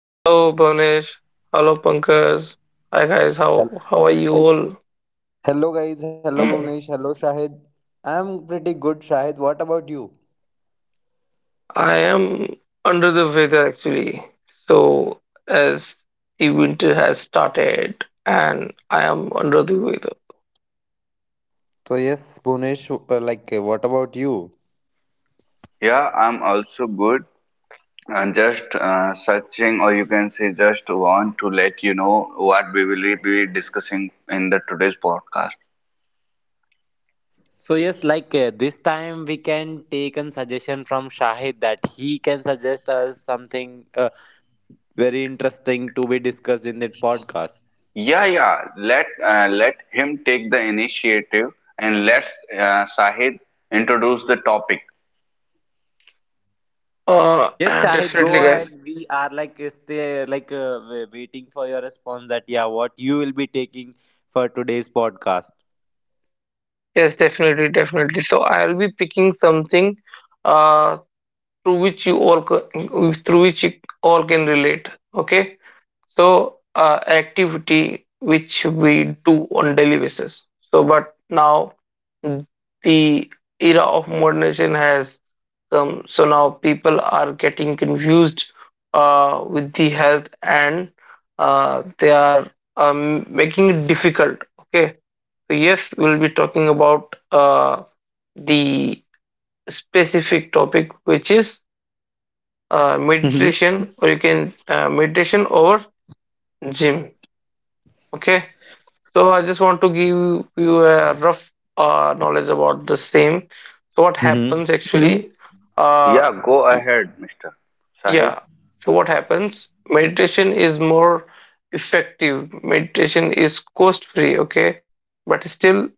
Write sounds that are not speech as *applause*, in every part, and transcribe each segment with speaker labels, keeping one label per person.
Speaker 1: Hello Bhavnesh, hello Pankaj. Hi guys,
Speaker 2: Hel-
Speaker 1: how are you all?
Speaker 2: Hello guys, hello Bhunesh, hello Shahid. I'm pretty good, Shahid. What about you?
Speaker 1: I am under the weather actually. So as the winter has started and I am under the weather.
Speaker 2: So yes, Bhunesh, what about you?
Speaker 3: Yeah, I'm also good. I'm just searching, or you can say, just want to let you know what we will be discussing in the today's podcast.
Speaker 2: So yes, this time we can take a suggestion from Shahid that he can suggest us something very interesting to be discussed in that podcast.
Speaker 3: Yeah, yeah, let him take the initiative, and let's Shahid introduce the topic.
Speaker 1: Uh *clears throat*
Speaker 2: Yes, Shahid,
Speaker 1: definitely
Speaker 2: go
Speaker 1: guys.
Speaker 2: ahead. We are like stay like waiting for your response. That, yeah, what you will be taking for today's podcast.
Speaker 1: Yes, definitely. So I'll be picking something uh through which through which you all can relate. Okay? So activity which we do on daily basis. So but now the era of modernization has come. So now people are getting confused with the health and they are making it difficult. Okay. So yes, we'll be talking about the specific topic which is meditation or you can meditation over gym. Okay. So I just want to give you a rough knowledge about the same. So what
Speaker 2: Mm-hmm.
Speaker 1: happens actually? Uh,
Speaker 3: Yeah, go ahead, Mr. Shahid.
Speaker 1: yeah. So what happens? Meditation is more effective. Meditation is cost free. Okay, but still,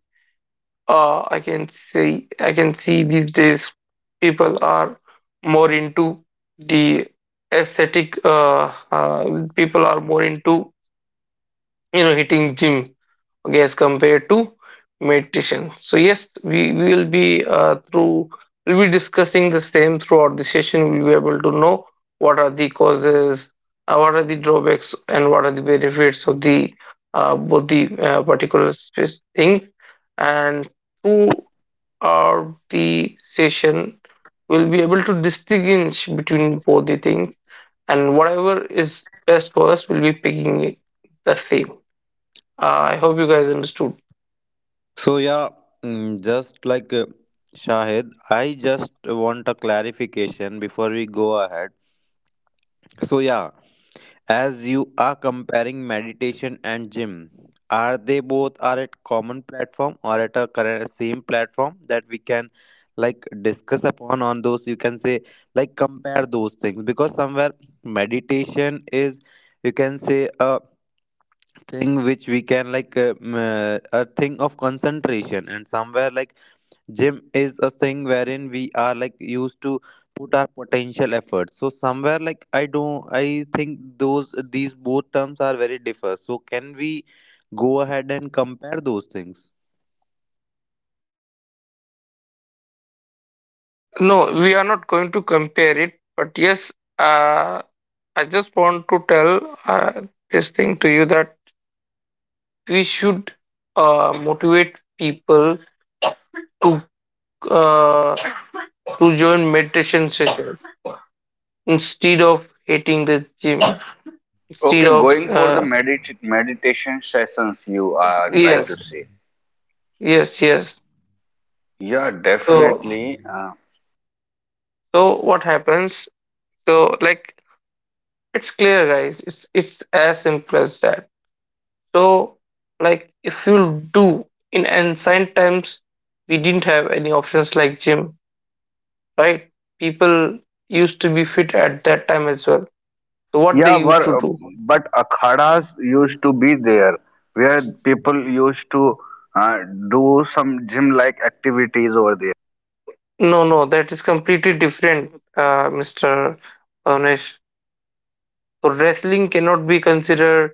Speaker 1: I can see these days people are more into the aesthetic. People are more into you know hitting gym, okay, as compared to meditation. So yes, we will be through we'll be discussing the same throughout the session. We'll be able to know what are the causes, what are the drawbacks, and what are the benefits of the both the particular things, and throughout the session we'll be able to distinguish between both the things, and whatever is best for us we'll be picking the same. I hope you guys understood.
Speaker 2: So yeah, just like Shahid, I just want a clarification before we go ahead. So yeah, as you are comparing meditation and gym, are they both are at common platform or at a current same platform that we can like discuss upon on those you can say like compare those things, because somewhere meditation is you can say a thing which we can like a thing of concentration, and somewhere like gym is a thing wherein we are like used to put our potential effort. So somewhere like I don't I think those these both terms are very differ. So can we go ahead and compare those things?
Speaker 1: No, we are not going to compare it, but yes, uh, I just want to tell this thing to you, that we should motivate people to uh, join meditation session instead of hating the gym. Instead
Speaker 3: Okay,
Speaker 1: of
Speaker 3: going for the meditation sessions you are trying to
Speaker 1: yes,
Speaker 3: say.
Speaker 1: yes.
Speaker 3: Yeah,
Speaker 1: So
Speaker 3: definitely.
Speaker 1: so what happens? So like it's clear, guys. It's as simple as that. So, like, if you do in ancient times, we didn't have any options like gym, right? People used to be fit at that time as well. So, what they
Speaker 3: Yeah, but,
Speaker 1: used to do?
Speaker 3: but akhadas used to be there where people used to uh, do some gym like activities over there.
Speaker 1: No, no, that is completely different, Mr. Bhavnesh. So, wrestling cannot be considered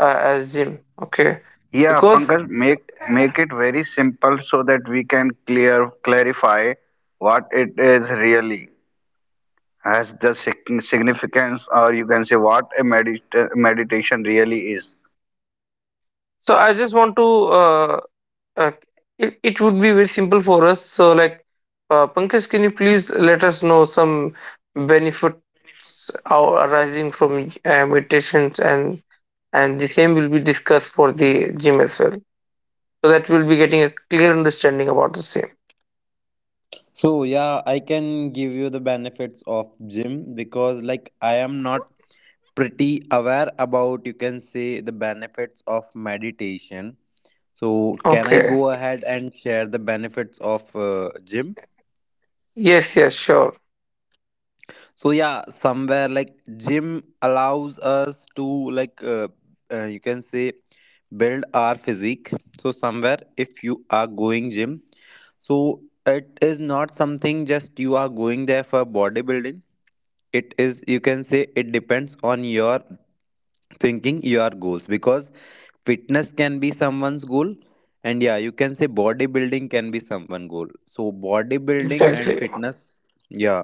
Speaker 1: as gym, okay?
Speaker 3: Yeah,
Speaker 1: Because
Speaker 3: Pankaj, make it very simple so that we can clear clarify what it is really has the significance, or you can say what a meditation really is.
Speaker 1: so I just want to Uh, it, it would be very simple for us. So, like, Pankaj, can you please let us know some benefits are arising from meditations, and the same will be discussed for the gym as well. So that we'll be getting a clear understanding about the same.
Speaker 2: So yeah, I can give you the benefits of gym, because like I am not pretty aware about you can say the benefits of meditation. So can I
Speaker 1: Okay.
Speaker 2: go ahead and share the benefits of gym?
Speaker 1: Yes. Yes. Sure.
Speaker 2: So yeah, somewhere like gym allows us to like you can say build our physique. So somewhere if you are going gym, so it is not something just you are going there for bodybuilding. It is you can say it depends on your thinking, your goals, because fitness can be someone's goal, and yeah, you can say bodybuilding can be someone goal. So bodybuilding and
Speaker 1: Exactly.
Speaker 2: fitness, yeah,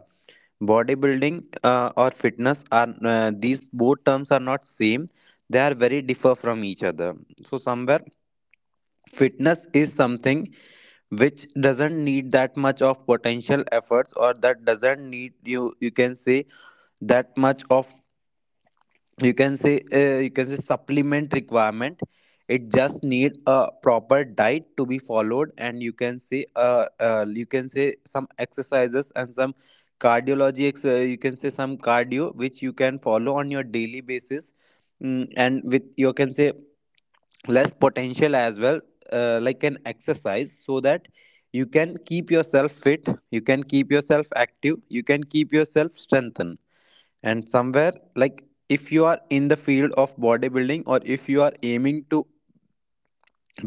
Speaker 2: bodybuilding or fitness are, these both terms are not same. They are very differ from each other. So somewhere fitness is something which doesn't need that much of potential efforts, or that doesn't need you can say that much of you can say you can say supplement requirement. It just need a proper diet to be followed, and you can say some exercises and some you can say some cardio which you can follow on your daily basis, and with you can say less potential as well, like an exercise, so that you can keep yourself fit, you can keep yourself active, you can keep yourself strengthened. And somewhere like if you are in the field of bodybuilding, or if you are aiming to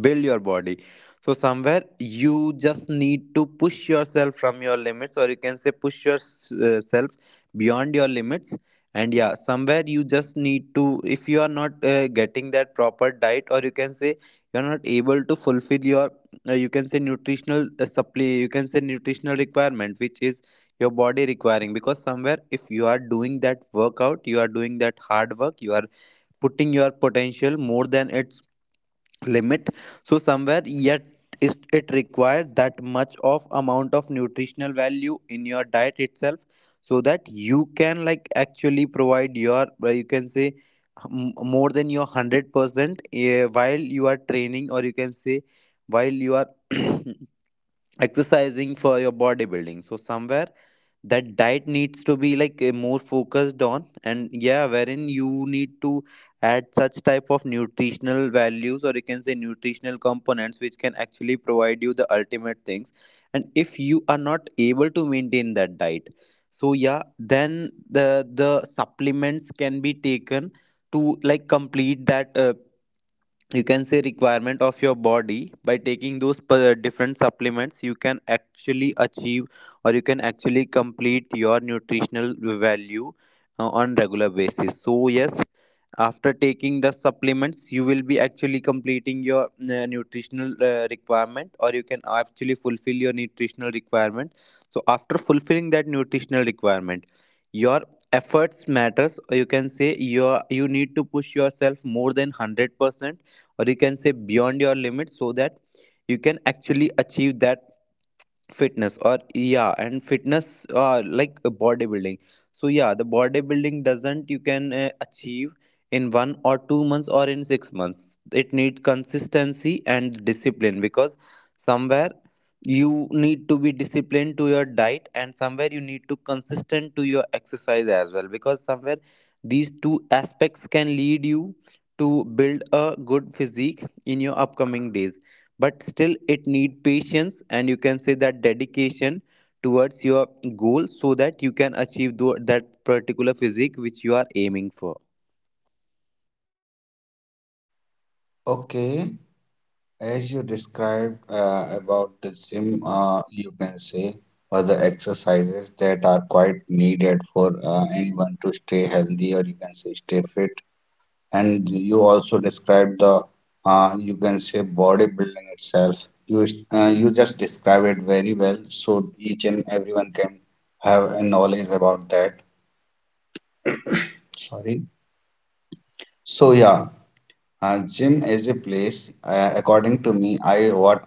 Speaker 2: build your body, so somewhere you just need to push yourself from your limits, or you can say push yourself beyond your limits. And yeah, somewhere you just need to, if you are not getting that proper diet, or you can say you're not able to fulfill your you can say nutritional supply, you can say nutritional requirement which is your body requiring, because somewhere if you are doing that workout, you are doing that hard work, you are putting your potential more than its limit. So somewhere yet is it required that much of amount of nutritional value in your diet itself, so that you can like actually provide your you can say more than your 100% while you are training, or you can say while you are *clears throat* exercising for your bodybuilding. So somewhere that diet needs to be like more focused on, and yeah, wherein you need to add such type of nutritional values, or you can say nutritional components, which can actually provide you the ultimate things. And if you are not able to maintain that diet, so yeah, then the supplements can be taken to like complete that you can say requirement of your body. By taking those different supplements, you can actually achieve, or you can actually complete your nutritional value on regular basis. So yes, after taking the supplements, you will be actually completing your nutritional requirement, or you can actually fulfill your nutritional requirement. So after fulfilling that nutritional requirement, your efforts matters, or you can say your you need to push yourself more than 100%, or you can say beyond your limit, so that you can actually achieve that fitness, or yeah, and fitness bodybuilding. So yeah, the bodybuilding doesn't you can achieve in 1 or 2 months or in 6 months. It needs consistency and discipline, because somewhere you need to be disciplined to your diet, and somewhere you need to consistent to your exercise as well, because somewhere these two aspects can lead you to build a good physique in your upcoming days. But still it need patience and you can say that dedication towards your goal, so that you can achieve that particular physique which you are aiming for.
Speaker 3: Okay. As you described about the gym, you can say, or the exercises that are quite needed for anyone to stay healthy, or you can say stay fit. And you also described you can say bodybuilding itself. You just describe it very well, so each and everyone can have a knowledge about that. Sorry. So yeah, uh, this me I what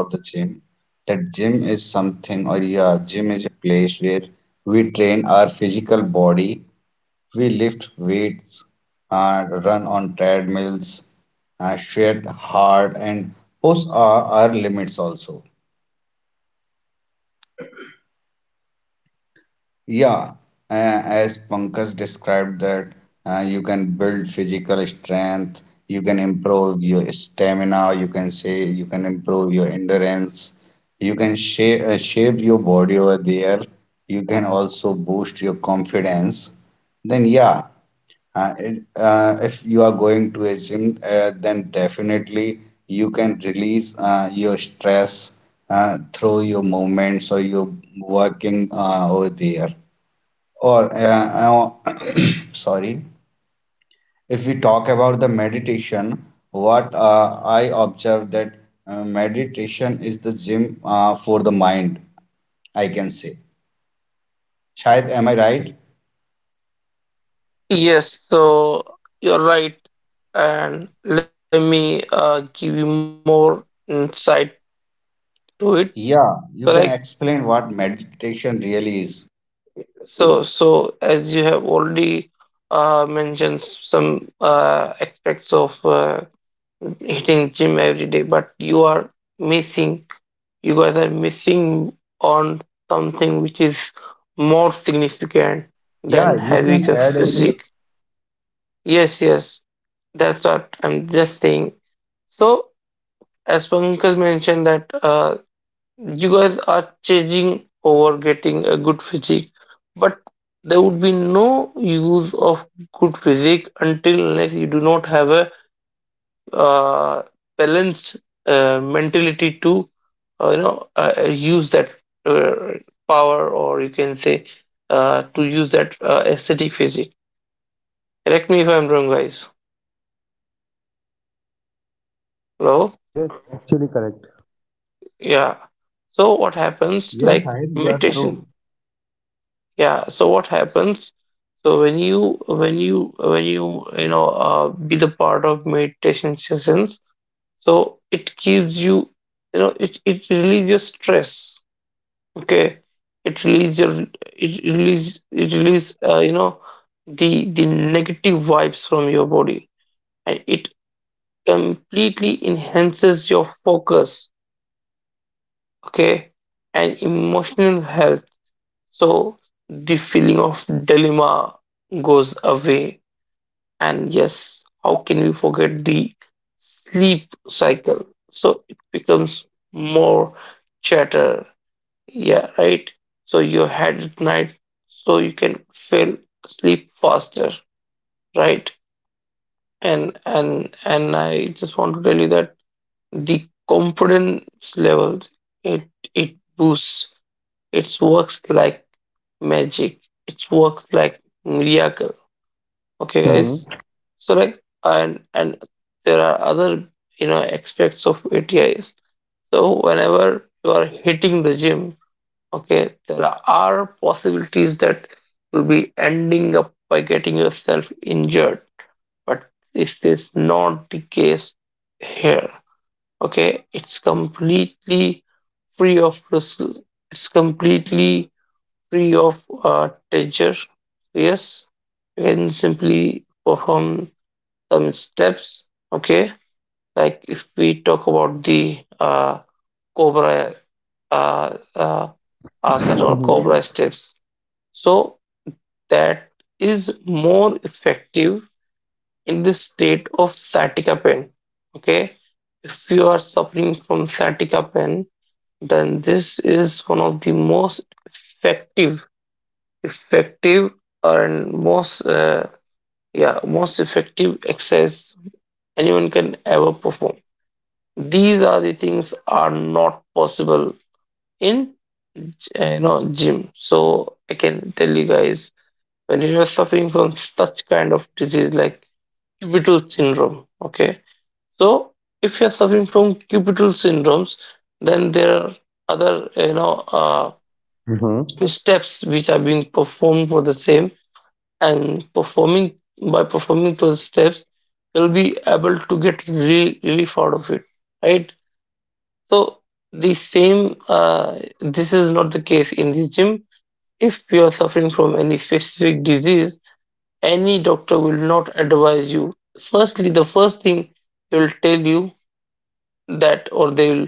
Speaker 3: a gym, that one place where we train our physical body. We lift weights and run on treadmills, sweat hard and push our limits also. Yeah, as Pankaj described that you can build physical strength, you can improve your stamina, you can say you can improve your endurance, you can shape your body over there, you can also boost your confidence. Then yeah, if you are going to a gym, then definitely you can release your stress through your movements or your working over there. Or, uh, uh, *coughs* *clears throat* sorry, if we talk about the meditation, what I observe that meditation is the gym for the mind, I can say. Shayad, am I right?
Speaker 1: Yes. So you're right, and let me give you more insight to it. So, like,
Speaker 3: Yeah,
Speaker 1: yes,
Speaker 3: you can
Speaker 1: as you
Speaker 3: explain
Speaker 1: guys
Speaker 3: what
Speaker 1: have
Speaker 3: meditation really is.
Speaker 1: so, as you have already mentioned some aspects of hitting gym every day, but you are missing, you guys are missing on something which is more significant
Speaker 3: Yeah,
Speaker 1: than
Speaker 3: you
Speaker 1: heavy
Speaker 3: can add it.
Speaker 1: physique. Yes, yes, that's what I'm just saying. So, as Pankaj mentioned that you guys are chasing over getting a good physique, but there would be no use of good physique until unless you do not have a uh, balanced mentality to use that uh, power, or you can say to use that aesthetic physique. Correct me if I'm wrong, guys. Hello? Yeah. So what happens
Speaker 3: Yes,
Speaker 1: like
Speaker 3: Sahib, you are
Speaker 1: meditation?
Speaker 3: true.
Speaker 1: Yeah, so what happens? So when you you know be the part of meditation sessions, so it gives you, you know, it relieves your stress, okay. It release your, it release you know, the negative vibes from your body, and it completely enhances your focus, okay, and emotional health. So the feeling of dilemma goes away. And yes, how can we forget the sleep cycle? So it becomes more chatter. Yeah, right. So your head at night, so you can feel sleep faster, right? And I just want to tell you that the confidence levels, it it boosts. It works like magic. It works like miracle. Okay, guys.
Speaker 2: Mm-hmm.
Speaker 1: So like, and there are other you know aspects of ATIs. So whenever you are hitting the gym, okay, there are possibilities that you'll be ending up by getting yourself injured. But this is not the case here. Okay, it's completely free of risk. It's completely free of danger. Yes, you can simply perform some steps. Okay, like if we talk about the cobra uh, uh, asana or
Speaker 2: Mm-hmm.
Speaker 1: cobra steps, so that is more effective in the state of sciatica pain. Okay, if you are suffering from sciatica pain, then this is one of the most effective, effective and most yeah most effective exercise anyone can ever perform. These are the things are not possible in you know gym. So I can tell you guys, when you are suffering from such kind of disease like cubital syndrome, okay, so if you're suffering from cubital syndromes, then there are other, you know,
Speaker 2: Mm-hmm.
Speaker 1: steps which are being performed for the same, and performing those steps, you'll be able to get really relief out of it, right? So the same, this is not the case in the gym. If you are suffering from any specific disease, any doctor will not advise you. Firstly, the first thing they'll tell you that, or they'll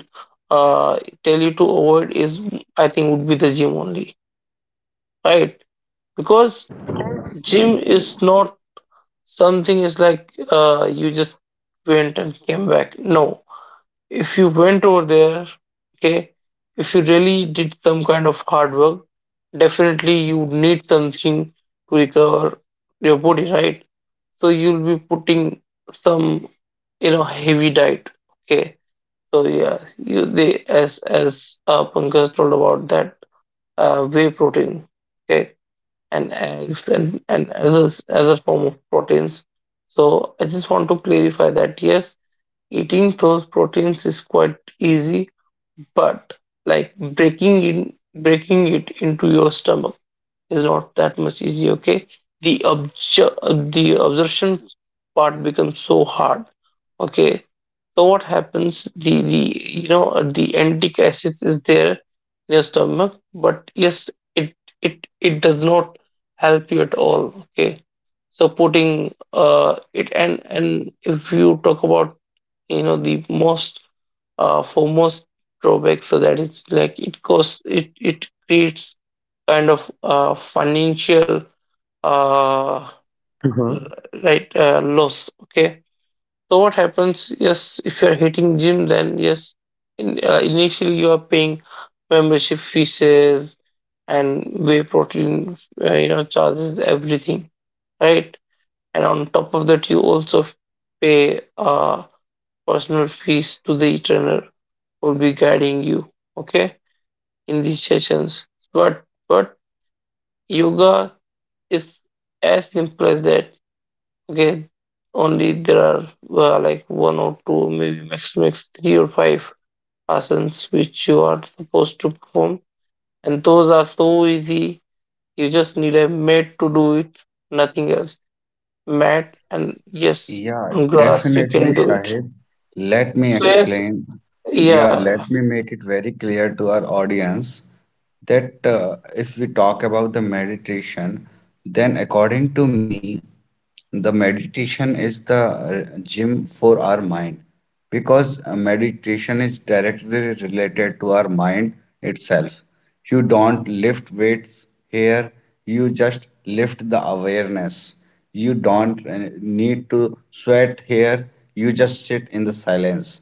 Speaker 1: tell you to avoid, is I think would be the gym only, right? Because gym is not something is like, you just went and came back. No, if you went over there, okay, if you really did some kind of hard work, definitely you need something to recover your body, right? So you'll be putting some, you know, heavy diet. Okay. So yeah, you they as Pankaj told about that whey protein. Okay, and eggs, and others as a form of proteins. So I just want to clarify that yes, eating those proteins is quite easy, but like breaking it into your stomach is not that much easy, okay. The observation part becomes so hard, okay. So what happens? The you know the antic acids is there in your stomach, but yes, it it does not help you at all, okay. So putting it and if you talk about you know the most foremost drawback, so that it's like it costs it it creates kind of financial uh,
Speaker 2: Mm-hmm.
Speaker 1: right loss, okay. So what happens? Yes, if you're hitting gym, then yes, in, initially you are paying membership fees and whey protein you know charges, everything, right? And on top of that you also pay personal fees to the trainer will be guiding you, okay, in these sessions. But yoga is as simple as that. Again, only there are like one or two, maybe maximum three or five asanas which you are supposed to perform, and those are so easy. You just need a mat to do it, nothing else. Mat, and yes,
Speaker 3: Yeah,
Speaker 1: on grass you
Speaker 3: definitely,
Speaker 1: can do it.
Speaker 3: Shahid. Let me
Speaker 1: So yes,
Speaker 3: explain. Yeah,
Speaker 1: yeah,
Speaker 3: let me make it very clear to our audience that if we talk about the meditation, then according to me, the meditation is the gym for our mind, because meditation is directly related to our mind itself. You don't lift weights here, you just lift the awareness. You don't need to sweat here, you just sit in the silence.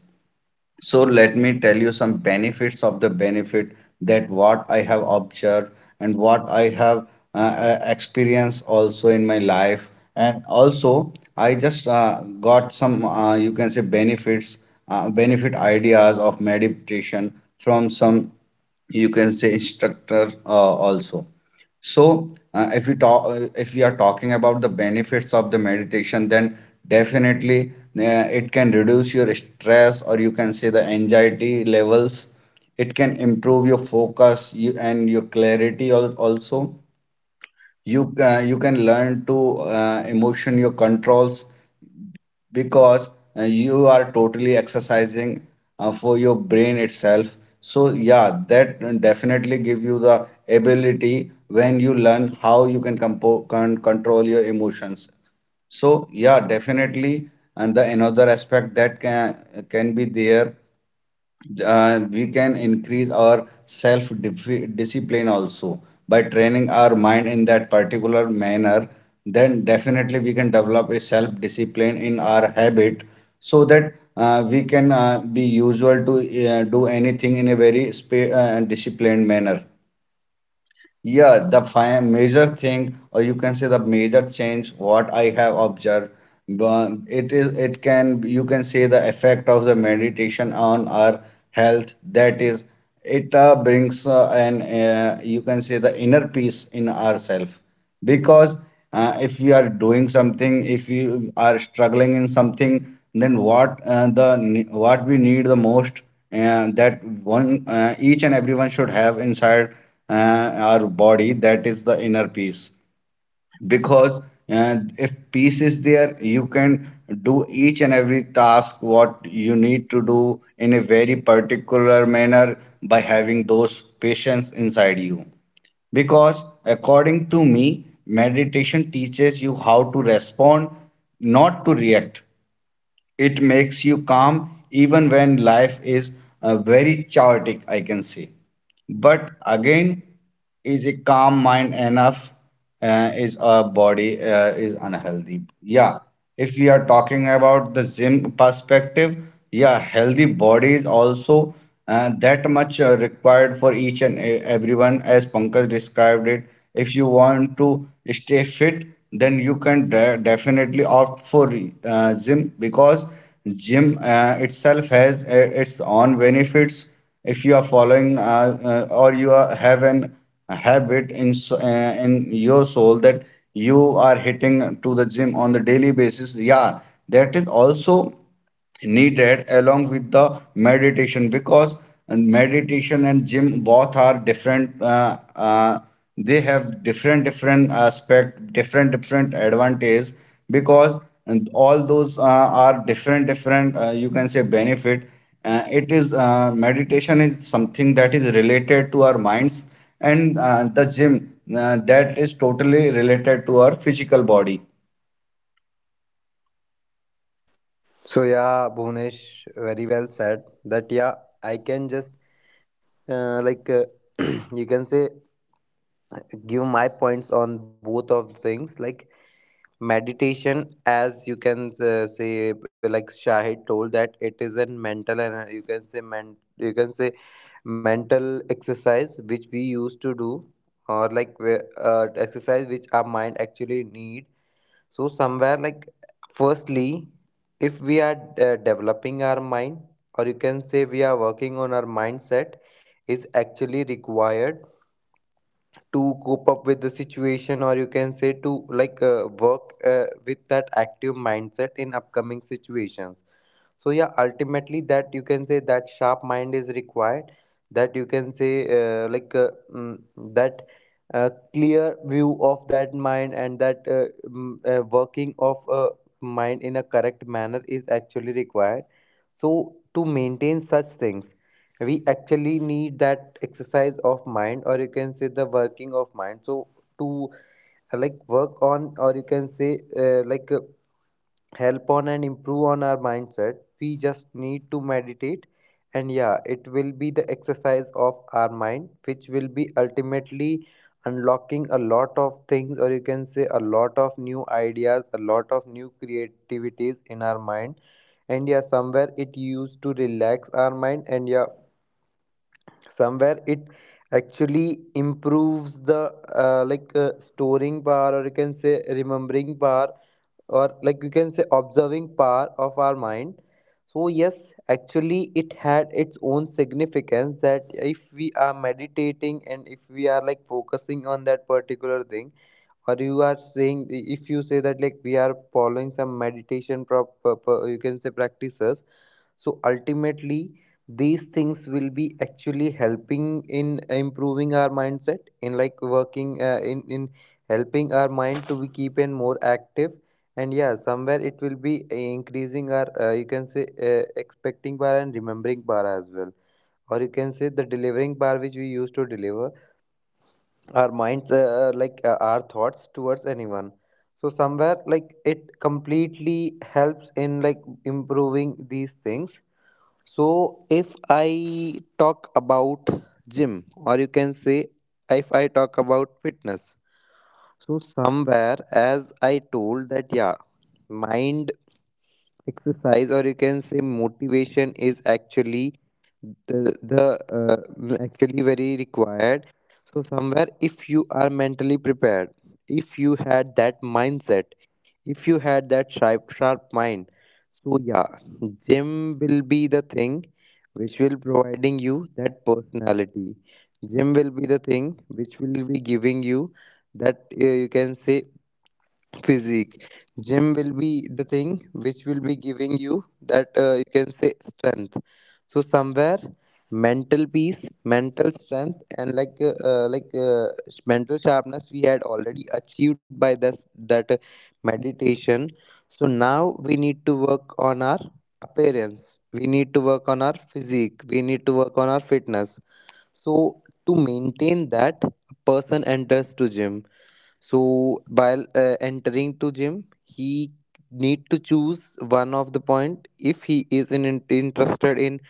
Speaker 3: So let me tell you some benefits of the benefit that what I have observed and what I have experienced also in my life. And also, I just got some, you can say, benefit ideas of meditation from some, you can say, instructor also. So, if we are talking about the benefits of the meditation, then definitely it can reduce your stress, or you can say the anxiety levels. It can improve your focus you, and your clarity also. You can learn to emotion your controls, because you are totally exercising for your brain itself, so yeah, that definitely give you the ability when you learn how you can control your emotions. So yeah, definitely. And the another aspect that can be there, we can increase our self discipline also by training our mind in that particular manner. Then definitely we can develop a self discipline in our habit, so that we can be usual to do anything in a very disciplined manner. Yeah, the major thing, or you can say the major change, what I have observed, but it is it can you can say the effect of the meditation on our health. That is, it brings an you can say the inner peace in ourself, because if you are doing something, if you are struggling in something, then what we need the most, that one each and everyone should have inside our body, that is the inner peace. Because if peace is there, you can do each and every task what you need to do in a very particular manner by having those patience inside you, because according to me meditation teaches you how to respond, not to react. It makes you calm even when life is very chaotic, I can say. But again, is a calm mind enough? Is our body is unhealthy? Yeah. If we are talking about the gym perspective, yeah, healthy body is also that much required for each and everyone, as Pankaj described it. If you want to stay fit, then you can definitely opt for gym, because gym itself has its own benefits. If you are following or you are, have an a habit in in your soul that you are hitting to the gym on the daily basis, yeah, that is also needed along with the meditation. Because and meditation and gym both are different they have different different aspect, different different advantage, because and all those are different different, you can say benefit. It is meditation is something that is related to our minds, and the gym, that is totally related to our physical body.
Speaker 2: So yeah, Bhunesh very well said that yeah, I can just uh, like uh, *clears throat* you can say give my points on both of things, like meditation as you can say, like Shahid told that it is a mental and you can say men you can say mental exercise which we used to do, or like exercise which our mind actually need. So somewhere like firstly, if we are developing our mind, or you can say we are working on our mindset, is actually required to cope up with the situation, or you can say to like work with that active mindset in upcoming situations. So yeah, ultimately that you can say that sharp mind is required. That you can say that clear view of that mind and that working of a mind in a correct manner is actually required. So to maintain such things, we actually need that exercise of mind, or you can say the working of mind. So to like work on, or you can say help on and improve on our mindset, we just need to meditate. And yeah, it will be the exercise of our mind, which will be ultimately unlocking a lot of things, or you can say a lot of new ideas, a lot of new creativities in our mind. And yeah, somewhere it used to relax our mind, and yeah, somewhere it actually improves the storing power, or you can say remembering power, or like you can say observing power of our mind. So yes, actually it had its own significance that if we are meditating, and if we are like focusing on that particular thing, or you are saying, if you say that like we are following some meditation you can say practices. So ultimately these things will be actually helping in improving our mindset, in like working in helping our mind to be keep in more active. And yeah, somewhere it will be increasing our you can say expecting bar and remembering bar as well, or you can say the delivering bar which we used to deliver our minds our thoughts towards anyone. So somewhere like it completely helps in like improving these things. So if I talk about gym, or you can say if I talk about fitness. So somewhere as I told that yeah, mind exercise, or you can say motivation is actually the actually very required. So somewhere if you are mentally prepared, if you had that mindset, if you had that sharp, sharp mind. So yeah, gym will be the thing which will providing you that personality. Gym will be the thing which will be giving you that you can say physique. Gym will be the thing which will be giving you that you can say strength. So somewhere, mental peace, mental strength, and like mental sharpness we had already achieved by this, that meditation. So now we need to work on our appearance, we need to work on our physique, we need to work on our fitness. So to maintain that, a person enters to gym. So while entering to gym, he need to choose one of the point, if he is interested in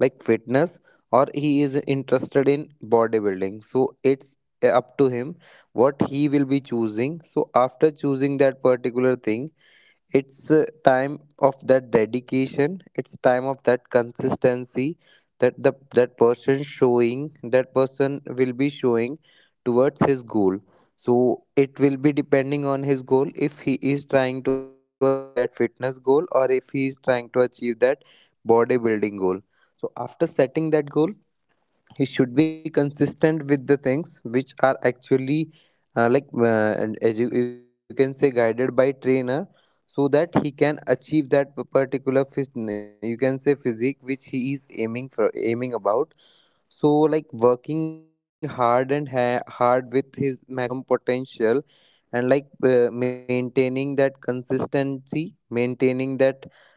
Speaker 2: like fitness, or he is interested in bodybuilding. So it's up to him what he will be choosing. So after choosing that particular thing, it's a time of that dedication, it's time of that consistency that the that person showing, that person will be showing towards his goal. So it will be depending on his goal, if he is trying to achieve that fitness goal, or if he is trying to achieve that bodybuilding goal. So after setting that goal, he should be consistent with the things which are actually and as you, you can say, guided by trainer, so that he can achieve that particular you can say physique which he is aiming about. So like working hard and hard with his maximum potential, and like maintaining that consistency, maintaining that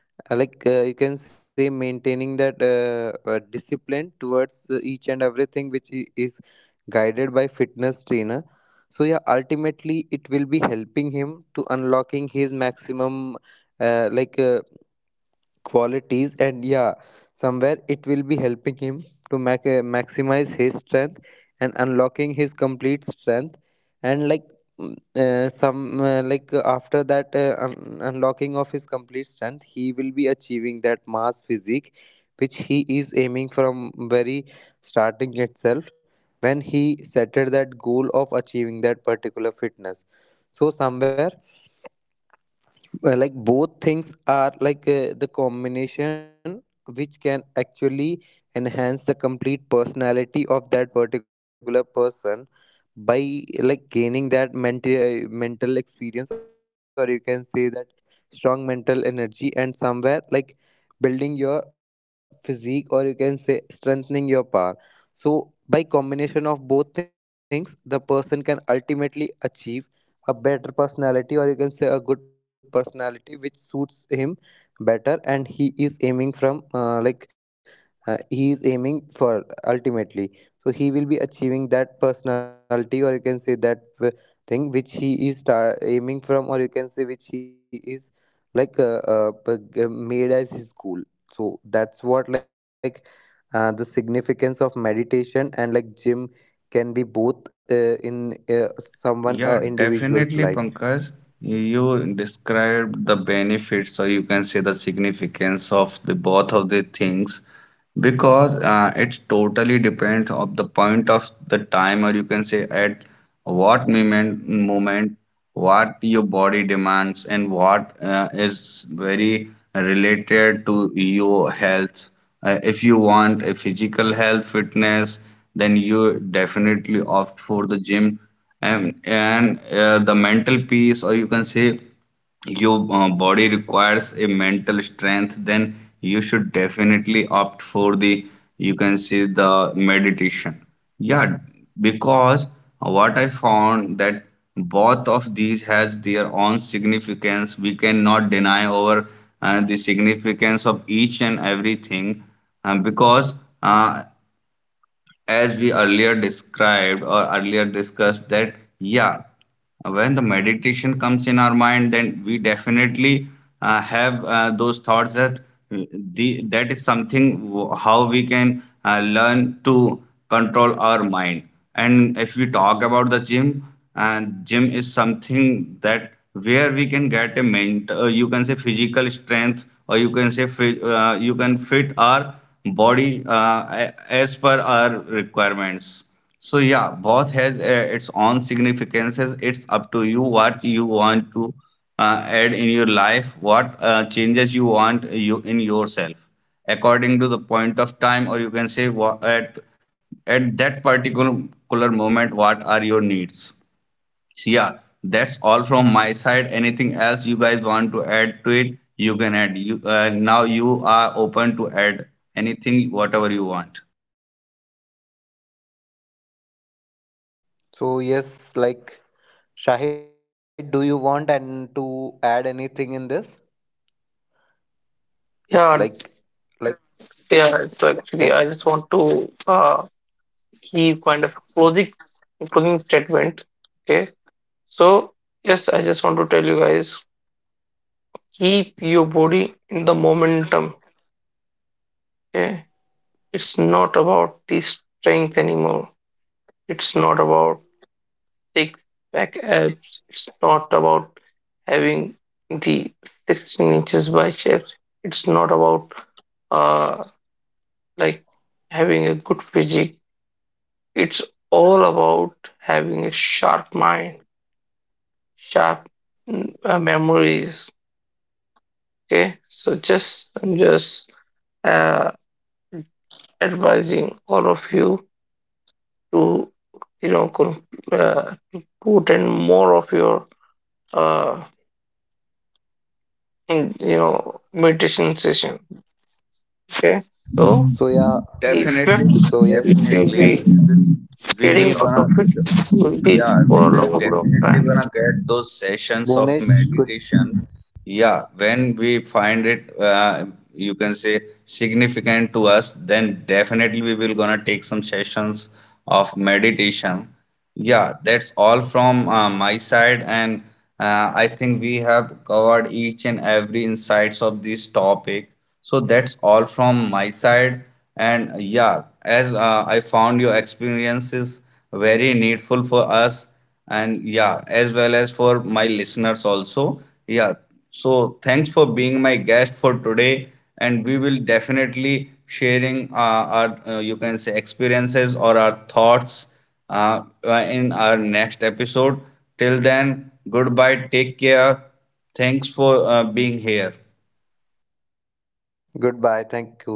Speaker 2: you can say maintaining that discipline towards each and everything which is guided by fitness trainer. So yeah, ultimately it will be helping him to unlocking his maximum uh, like uh, qualities. And yeah, somewhere it will be helping him to maximize his strength, and unlocking his complete strength. And like mm, some like after that unlocking of his complete strength, he will be achieving that mass physique which he is aiming from very starting itself, when he settled that goal of achieving that particular fitness. So somewhere like both things are like the combination which can actually enhance the complete personality of that particular person, by like gaining that mental experience, or you can say that strong mental energy, and somewhere like building your physique, or you can say strengthening your power. So by combination of both things, the person can ultimately achieve a better personality, or you can say a good personality which suits him better, and he is aiming from he is aiming for ultimately. So he will be achieving that personality, or you can say that thing which he is aiming from, or you can say which he is like made as his goal. So that's what like the significance of meditation and like gym can be both in uh, someone individual's life.
Speaker 3: Yeah, definitely, Pankaj. You described the benefits, or you can say the significance of the both of the things, because it totally depends of the point of the time, or you can say at what moment what your body demands and what is very related to your health. If you want a physical health fitness, then you definitely opt for the gym. And The mental peace, or you can say your body requires a mental strength, then you should definitely opt for the, you can see, the meditation. Yeah, because what I found that both of these has their own significance. We cannot deny over the significance of each and everything, because uh, as we earlier described or earlier discussed, that yeah, when the meditation comes in our mind, then we definitely have those thoughts that uh, the that is something how we can learn to control our mind. And if we talk about the gym, and gym is something that where we can get a mental, you can say, physical strength, or you can say you can fit our body as per our requirements. So yeah, both has its own significances. It's up to you what you want to add in your life, what changes you want you in yourself, according to the point of time, or you can say what at that particular moment, what are your needs. So yeah, that's all from my side. Anything else you guys want to add to it, you can add. You now you are open to add anything, whatever you want.
Speaker 2: So yes, like Shahid, do you want and to add anything in this, like
Speaker 1: yeah,
Speaker 2: like
Speaker 1: yeah.
Speaker 2: yep.
Speaker 1: So actually, I just want to key kind of closing statement. Okay. So yes, I just want to tell you guys, keep your body in the momentum. Okay. It's not about the strength anymore. It's not about thick back abs. It's not about having the 16 inches biceps. It's not about uh like having a good physique. It's all about having a sharp mind, sharp memories. Okay, so just I'm just uh, advising all of you to you know to put in more of your uh, you know meditation session. Okay,
Speaker 2: So
Speaker 1: so
Speaker 2: yeah.
Speaker 1: the
Speaker 2: So
Speaker 3: Definitely,
Speaker 1: effect
Speaker 2: yes,
Speaker 1: you will
Speaker 3: definitely,
Speaker 1: be
Speaker 3: we will, we
Speaker 1: getting
Speaker 3: will
Speaker 1: out
Speaker 3: gonna,
Speaker 1: of it will be
Speaker 3: yeah, we
Speaker 1: for a
Speaker 3: will
Speaker 1: long period of
Speaker 3: definitely
Speaker 1: time.
Speaker 3: gonna get those sessions
Speaker 2: Bhunesh,
Speaker 3: of
Speaker 2: good.
Speaker 3: meditation. Yeah, when we find it, you can say significant to us, then definitely we will gonna take some sessions of meditation. Yeah, that's all from my side, and I think we have covered each and every insights of this topic. So that's all from my side, and yeah, as I found your experiences very needful for us, and yeah, as well as for my listeners also. Yeah, so thanks for being my guest for today, and we will definitely sharing our you can say experiences or our thoughts uh, in our next episode. Till then, goodbye, take care. Thanks for being here.
Speaker 2: Goodbye, thank you.